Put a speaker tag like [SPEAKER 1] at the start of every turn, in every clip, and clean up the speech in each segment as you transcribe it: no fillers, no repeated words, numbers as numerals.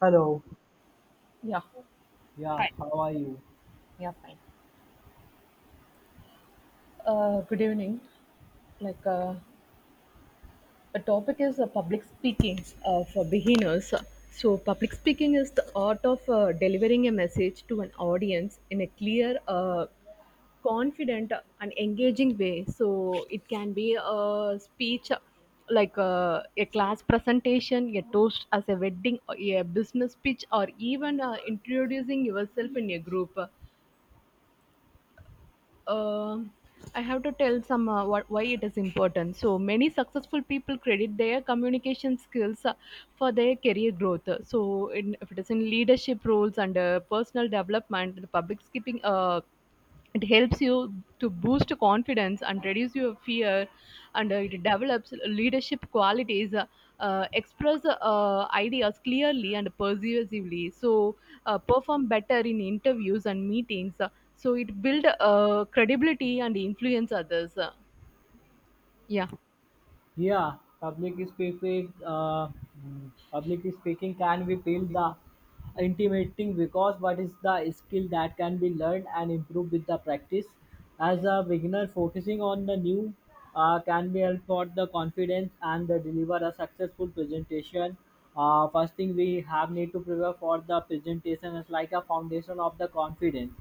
[SPEAKER 1] Hello.
[SPEAKER 2] Yeah,
[SPEAKER 1] Yeah,
[SPEAKER 2] Hi.
[SPEAKER 1] how are you?
[SPEAKER 2] Yeah, fine. Good evening. Like, uh, the topic is public speaking for beginners. So public speaking is the art of delivering a message to an audience in a clear, confident, and engaging way. So it can be a speech like a class presentation, a toast as a wedding, or a business pitch, or even introducing yourself in a group. uh, I have to tell some why it is important. So many successful people credit their communication skills for their career growth. If it is in leadership roles and personal development, the public skipping. It helps you to boost confidence and reduce your fear, and it develops leadership qualities, express ideas clearly and persuasively, so perform better in interviews and meetings, so it build credibility and influence others. Yeah,
[SPEAKER 1] Yeah, public speaking. Public speaking can be feel the intimidating because what is the skill that can be learned and improved with the practice as a beginner focusing on the new can be help for the confidence and the deliver a successful presentation. First thing we have need to prepare for the presentation is like a foundation of the confidence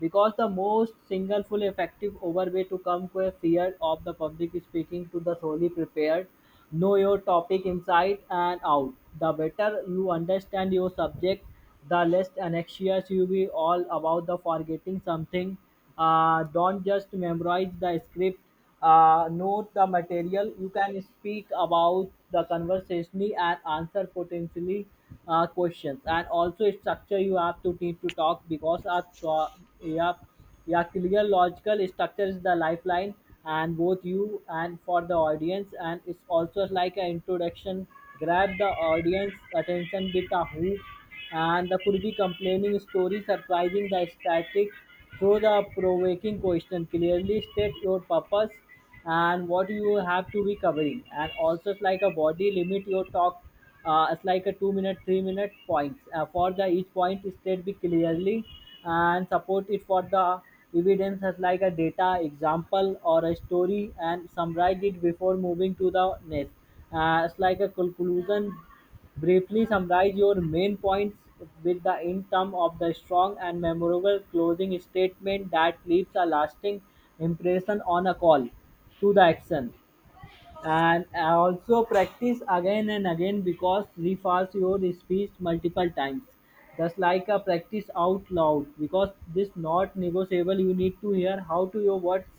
[SPEAKER 1] because the most single full effective overway to come to a fear of the public speaking to the solely prepared. Know your topic inside and out. The better you understand your subject, the less anxious you be all about the forgetting something. Don't just memorize the script. Note the material. You can speak about the conversation and answer potentially questions. And also structure you have to need to talk because yeah yeah, clear logical structure is the lifeline, and both you and for the audience, and it's also like an introduction. Grab the audience attention with a hook, and the could be complaining story, surprising the static through the provoking question. Clearly state your purpose and what you have to be covering, and also it's like a body. Limit your talk, it's like a 2 minute 3 minute points, for the each point state be clearly and support it for the evidence as like a data example or a story, and summarize it before moving to the next. It's like a conclusion. Briefly summarize your main points with the end theme of the strong and memorable closing statement that leaves a lasting impression on a call to the action. And I also practice again and again because refers your speech multiple times, just like a practice out loud because this not negotiable. You need to hear how to your words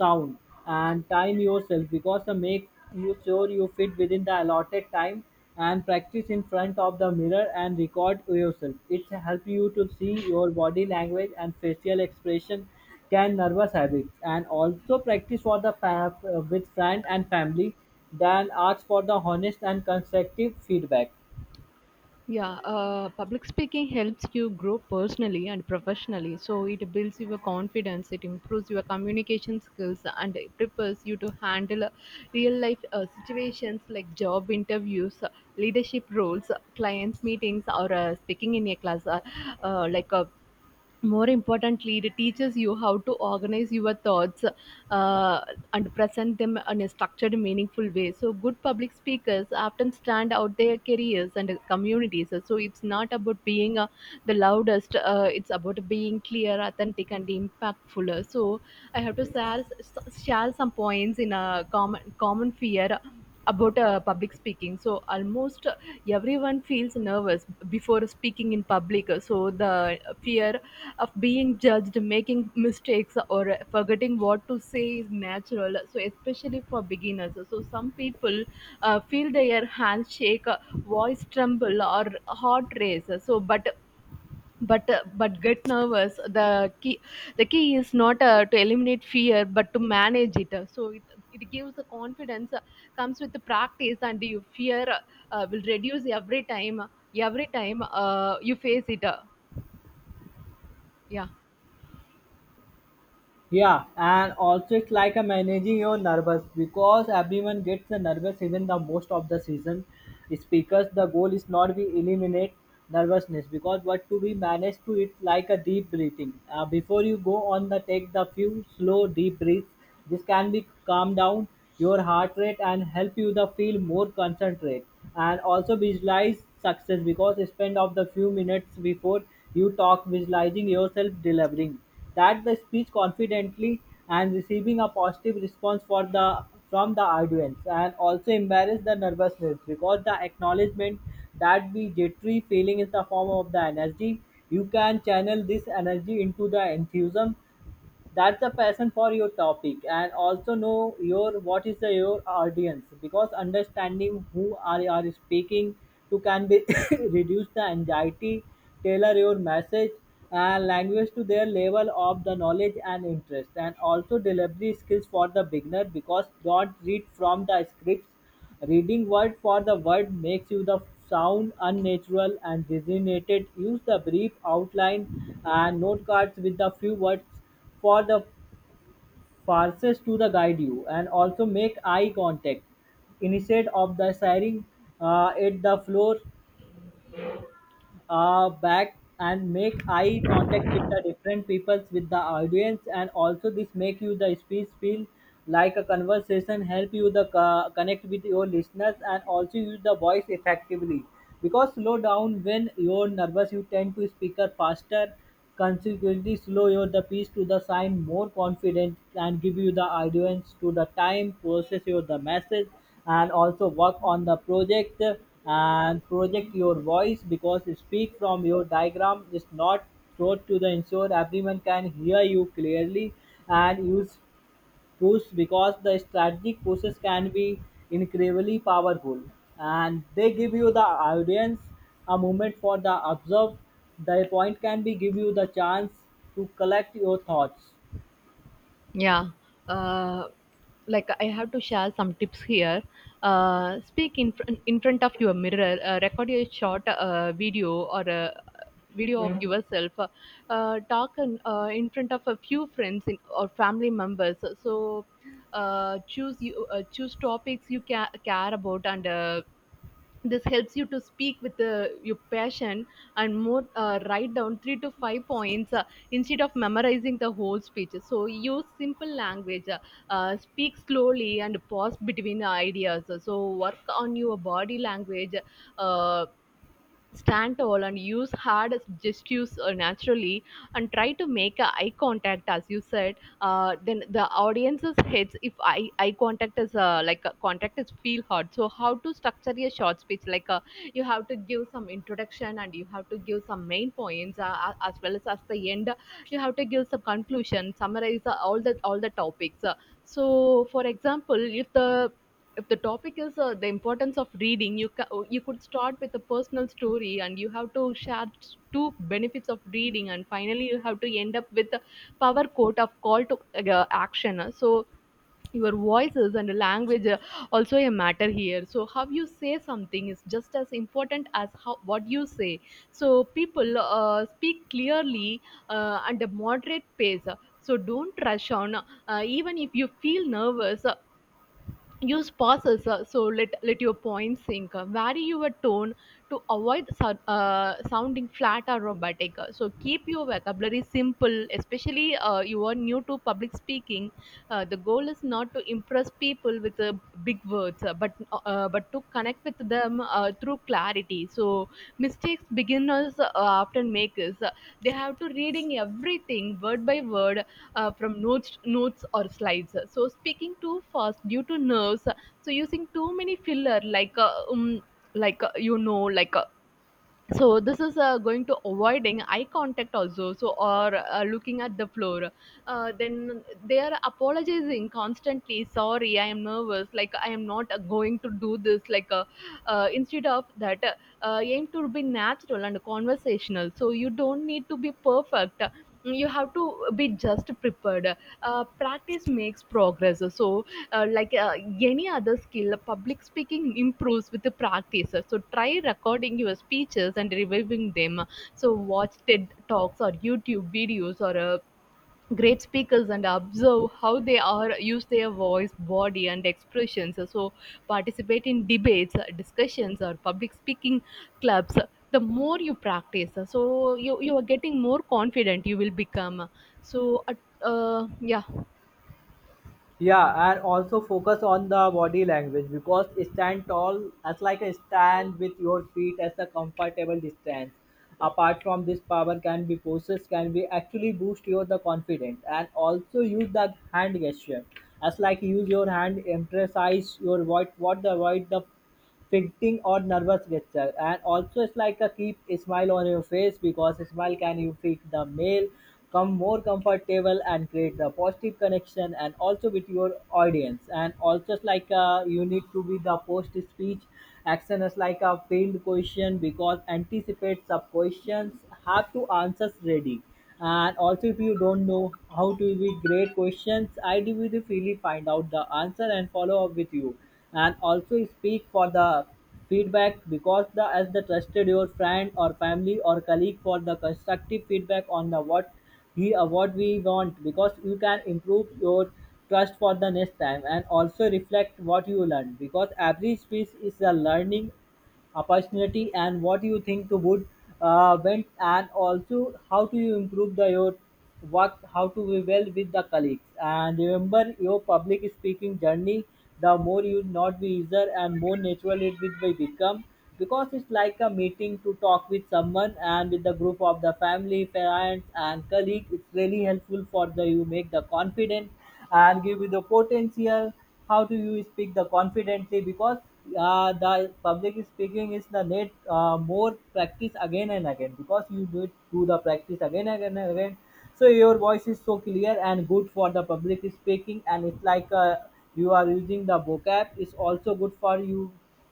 [SPEAKER 1] sound, and time yourself because to make you sure you fit within the allotted time, and practice in front of the mirror and record yourself. It help you to see your body language and facial expression, can nervous habits, and also practice for the with friend and family. Then ask for the honest and constructive feedback.
[SPEAKER 2] yeah. Public speaking helps you grow personally and professionally. So it builds your confidence, it improves your communication skills, and it prepares you to handle real life situations like job interviews, leadership roles, clients meetings, or speaking in a class. Uh, like uh, More importantly, it teaches you how to organize your thoughts, uh, and present them in a structured meaningful way. So good public speakers often stand out their careers and communities, so it's not about being the loudest, it's about being clear, authentic, and impactful. So I have to share some points in a common fear about public speaking. So almost everyone feels nervous before speaking in public, so the fear of being judged, making mistakes, or forgetting what to say is natural, so especially for beginners. So some people feel their hands shake, voice tremble, or heart race. So but get nervous. The key is not to eliminate fear but to manage it. So it gives the confidence, comes with the practice, and your fear will reduce every time you face it. Yeah
[SPEAKER 1] Yeah, and also it's like a managing your nervous because everyone gets the nervous, even the most of the season speakers. The goal is not we eliminate nervousness because what to be managed to it, like a deep breathing. Before you go on, the take the few slow deep breaths. This can be calm down your heart rate and help you the feel more concentrate, and also visualize success because spend of the few minutes before you talk visualizing yourself delivering that the speech confidently and receiving a positive response for the from the audience, and also embarrass the nervousness because the acknowledgement that the jittery feeling is the form of the energy. You can channel this energy into the enthusiasm, that's the passion for your topic, and also know your what is the, your audience because understanding who are you are speaking to can be reduce the anxiety, tailor your message and language to their level of the knowledge and interest, and also delivery skills for the beginner because don't read from the scripts. Reading word for the word makes you the sound unnatural and designated. Use the brief outline and note cards with the few words for the farces to the guide you, and also make eye contact instead of the staring at the floor back, and make eye contact with the different peoples with the audience, and also this make you the speech feel like a conversation, help you the connect with your listeners, and also use the voice effectively because slow down. When you're nervous you tend to speak faster. Consequently, slow your the piece to the sign more confident and give you the audience to the time, process your the message, and also work on the project and project your voice because speak from your diagram is not throat to the ensure everyone can hear you clearly, and use push because the strategic pushes can be incredibly powerful and they give you the audience a moment for the observe. The point can be give you the chance to collect your thoughts.
[SPEAKER 2] Yeah, uh, like I have to share some tips here. Speak in in front of your mirror. Record a short video, or a video of yourself. Talk in front of a few friends, or family members. So choose topics you care about and. This helps you to speak with your passion, and more write down 3 to 5 points, instead of memorizing the whole speech. So use simple language, speak slowly and pause between ideas. So work on your body language, uh, stand tall and use hard gestures, naturally, and try to make a eye contact, as you said. Then the audience's heads, if eye contact is like a contact is feel hard. So how to structure your short speech? Like you have to give some introduction, and you have to give some main points, as well as the end you have to give some conclusion, summarize all the topics. So for example, if the topic is the importance of reading, you you could start with a personal story, and you have to share two benefits of reading, and finally you have to end up with a power quote of call to action. So your voices and language are also a matter here, so how you say something is just as important as how what you say. So people speak clearly, and a moderate pace, so don't rush on, even if you feel nervous. Use pauses, so let your points sink. Vary your tone to avoid sounding flat or robotic. So keep your vocabulary simple, especially you are new to public speaking. The goal is not to impress people with big words, but to connect with them through clarity. So mistakes beginners often make is they have to reading everything word by word, from notes or slides, so speaking too fast due to nerves, so using too many filler like like uh, you know like uh, so this is going to avoiding eye contact also, so or looking at the floor, then they are apologizing constantly, sorry I am nervous, like I am not going to do this, instead of that, aim to be natural and conversational. So you don't need to be perfect, you have to be just prepared. Uh, practice makes progress. So uh, like uh, any other skill, public speaking improves with the practice. So try recording your speeches and reviewing them, so watch TED talks or YouTube videos, or great speakers, and observe how they are use their voice, body, and expressions. So participate in debates, discussions, or public speaking clubs. The more you practice, so you are getting more confident you will become. so uh, uh, yeah
[SPEAKER 1] Yeah, and also focus on the body language because stand tall as like a stand with your feet as a comfortable distance. Apart from this, power can be poses can be actually boost your the confidence, and also use the hand gesture as like use your hand emphasize your what the avoid the fidgeting or nervous gesture, and also it's like a keep a smile on your face because a smile can you feel the male come more comfortable and create the positive connection, and also with your audience, and also it's like you need to be the post speech action is like a failed question because anticipate the questions, have to answers ready, and also if you don't know how to be great questions, I will really find out the answer and follow up with you, and also speak for the feedback because the as the trusted your friend or family or colleague for the constructive feedback on the what he or what we want because you can improve your trust for the next time, and also reflect what you learned because every speech is a learning opportunity, and what you think would went, and also how do you improve the your work, how to be well with the colleagues, and remember your public speaking journey, the more you not be easier and more natural it will be become because it's like a meeting to talk with someone and with the group of the family parents and colleagues. It's really helpful for the you make the confident and give you the potential how do you speak the confidently because the public speaking is the need more practice again and again because you need to do the practice again and again and again, so your voice is so clear and good for the public speaking, and it's like you are using the vocab, it's also good for you.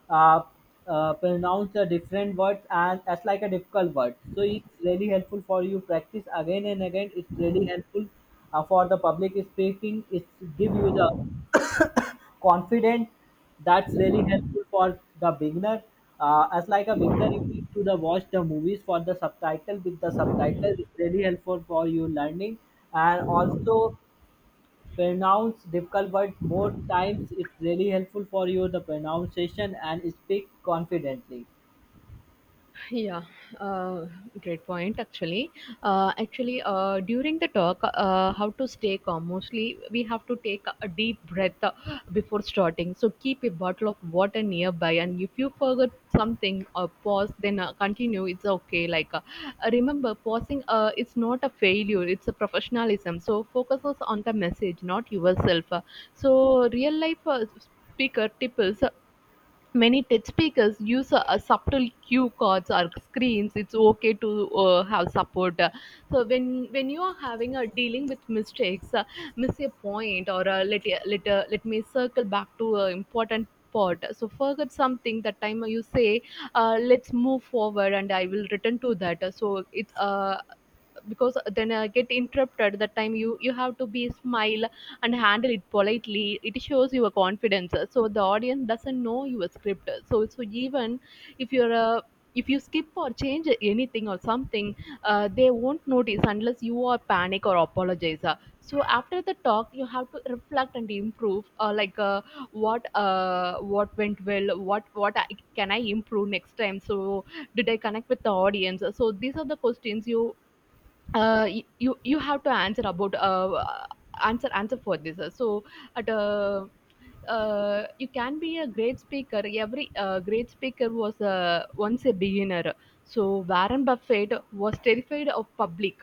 [SPEAKER 1] uh, Pronounce the different words, and that's like a difficult word, so it's really helpful for you. Practice again and again, it's really helpful for the public speaking. It's give you the confident, that's really helpful for the beginner. As like a beginner you need to the watch the movies for the subtitle, with the subtitle it's really helpful for you learning, and also pronounce difficult words more times, it's really helpful for you the pronunciation and speak confidently.
[SPEAKER 2] Yeah, uh, great point. Actually, during the talk, how to stay calm. Mostly, we have to take a deep breath before starting. So keep a bottle of water nearby, and if you forget something, pause. Then continue. It's okay. Remember, pausing. It's not a failure. It's a professionalism. So focuses on the message, not yourself. So real life. Speaker tips. Many TED speakers use a subtle cue cards or screens. It's okay to have support. So when you are having a dealing with mistakes, miss a point, or let me circle back to an important part. So forget something, that time you say, let's move forward, and I will return to that. So it's Because then I get interrupted, that time you have to be smile and handle it politely. It shows your confidence, so the audience doesn't know your script. So even if you're a if you skip or change anything or something, they won't notice unless you are panic or apologize. So after the talk you have to reflect and improve, what went well, can I improve next time? So did I connect with the audience? So these are the questions you you have to answer about answer answer for this. So at You can be a great speaker. Every great speaker was once a beginner. So Warren Buffett was terrified of public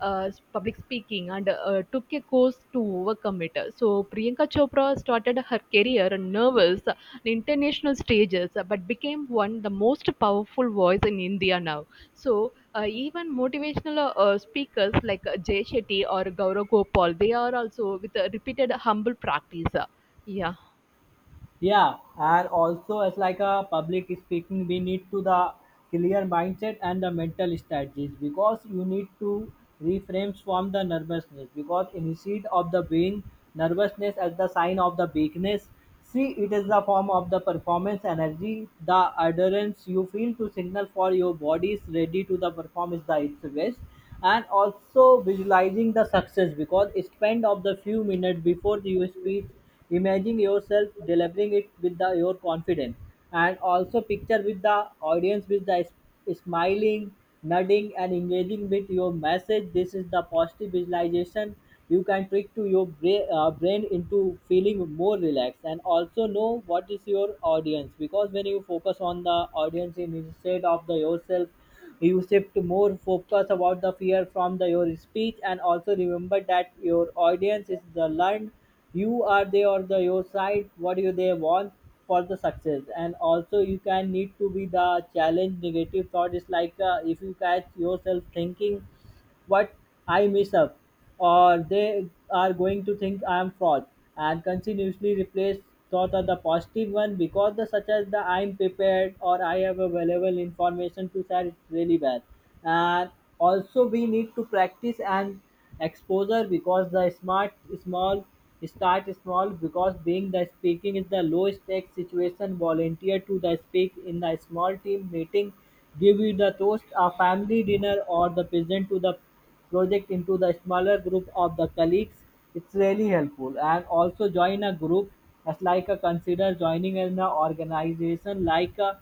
[SPEAKER 2] uh, public speaking and took a course, chose to overcome it. So Priyanka Chopra started her career on nervous and international stages, but became one of the most powerful voice in India now. So even motivational speakers like Jay Shetty or Gaurav Gopal, they are also with a repeated humble practice. Yeah.
[SPEAKER 1] Yeah, and also as like a public speaking we need to the clear mindset and the mental strategies because you need to reframes from the nervousness, because instead of the being nervousness as the sign of the weakness, see it is the form of the performance energy. The adherence you feel to signal for your body is ready to the perform is the its best, and also visualizing the success because spend of the few minutes before your speech imagine yourself delivering it with the, your confidence, and also picture with the audience with the smiling, nodding, and engaging with your message. This is the positive visualization. You can trick to your brain into feeling more relaxed, and also know what is your audience because when you focus on the audience instead of the yourself, you shift more focus about the fear from the, your speech, and also remember that your audience is the learned. You are they or the your side. What do they want for the success? And also you can need to be the challenge negative thought. Is like if you catch yourself thinking what, I mess up, or they are going to think I am fraud, and continuously replace thought of the positive one because the such as the I am prepared or I have available information to share, it's really bad. And also we need to practice and exposure because the smart small start small because being the speaking is the low stake situation. Volunteer to the speak in the small team meeting. Give the toast a family dinner or the present to the project into the smaller group of the colleagues. It's really helpful. And also join a group. As like a consider joining an organization like a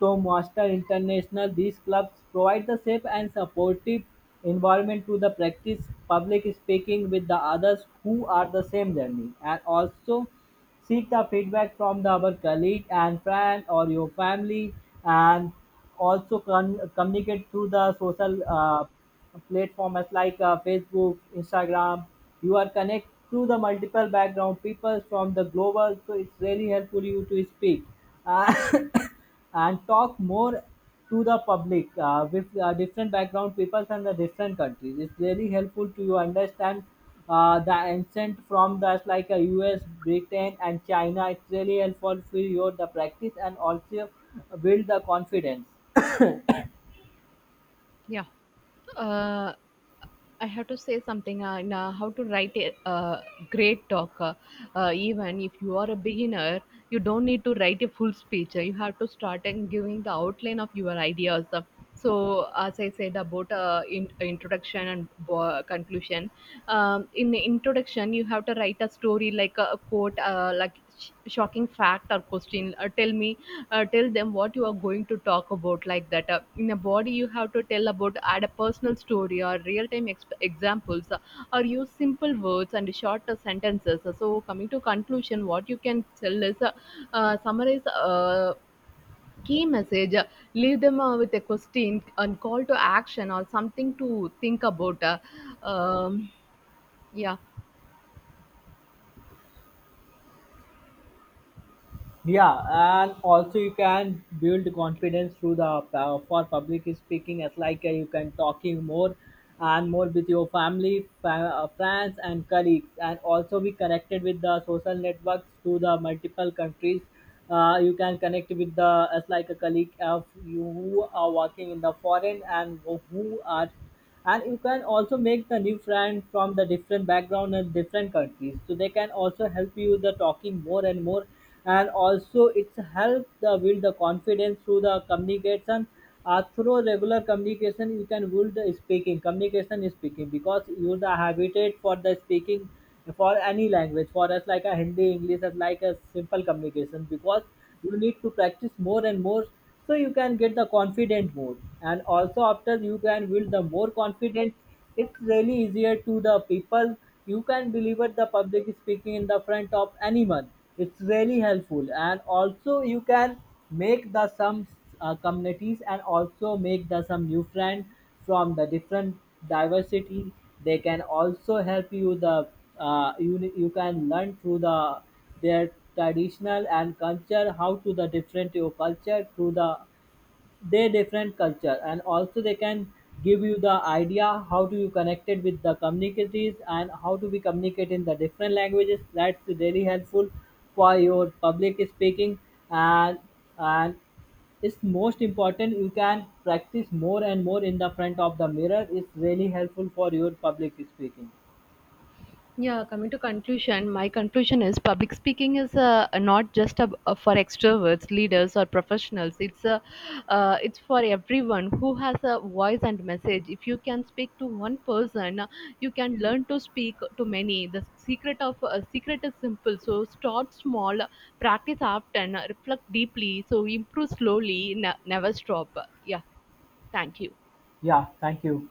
[SPEAKER 1] to Master International, these clubs provide the safe and supportive environment to the practice public speaking with the others who are the same journey, and also seek the feedback from the other colleague and friend or your family, and also communicate through the social platforms like Facebook, Instagram. You are connect to the multiple background people from the global, so it's really helpful you to speak. Uh, and talk more to the public with different background peoples and the different countries. It's really helpful to you understand the ancient from the like a US, Britain, and China. It's really helpful for your the practice and also build the confidence.
[SPEAKER 2] Yeah. Uh, I have to say something on how to write a great talk. Even if you are a beginner, you don't need to write a full speech. You have to start and giving the outline of your ideas. So as I said about introduction and conclusion, in the introduction, you have to write a story like a quote, like shocking fact or question. Uh, tell them what you are going to talk about, like that in a body you have to tell about, add a personal story or real time examples, or use simple words and shorter sentences. So coming to conclusion, what you can tell is summarize key message, leave them with a question and call to action or something to think about. Um, yeah
[SPEAKER 1] Yeah, and also you can build confidence through the for public speaking. It's like you can talking more and more with your family, friends, and colleagues, and also be connected with the social networks to the multiple countries. You can connect with the as like a colleague of you who are working in the foreign and who are, and you can also make the new friend from the different background and different countries, so they can also help you the talking more and more, and also it's help the build the confidence through the communication. Through regular communication you can build the speaking communication is speaking because you the habitat for the speaking for any language for us, like a hindi english is like a simple communication because you need to practice more and more, so you can get the confident mode, and also after you can build the more confidence it's really easier to the people. You can deliver the public speaking in the front of anyone, it's really helpful, and also you can make the some communities, and also make the some new friend from the different diversity. They can also help you the you can learn through the their traditional and culture, how to the different your culture through the their different culture, and also they can give you the idea how to you connected with the communities and how to be communicate in the different languages. That's really helpful for your public speaking, and and it's most important, you can practice more and more in the front of the mirror, it's really helpful for your public speaking.
[SPEAKER 2] Yeah, coming to conclusion, my conclusion is public speaking is not just for extroverts, leaders, or professionals. It's for everyone who has a voice and message. If you can speak to one person, you can learn to speak to many. The secret of secret is simple. So start small, practice often, reflect deeply. So improve slowly, never stop. Yeah, thank you.
[SPEAKER 1] Yeah, thank you.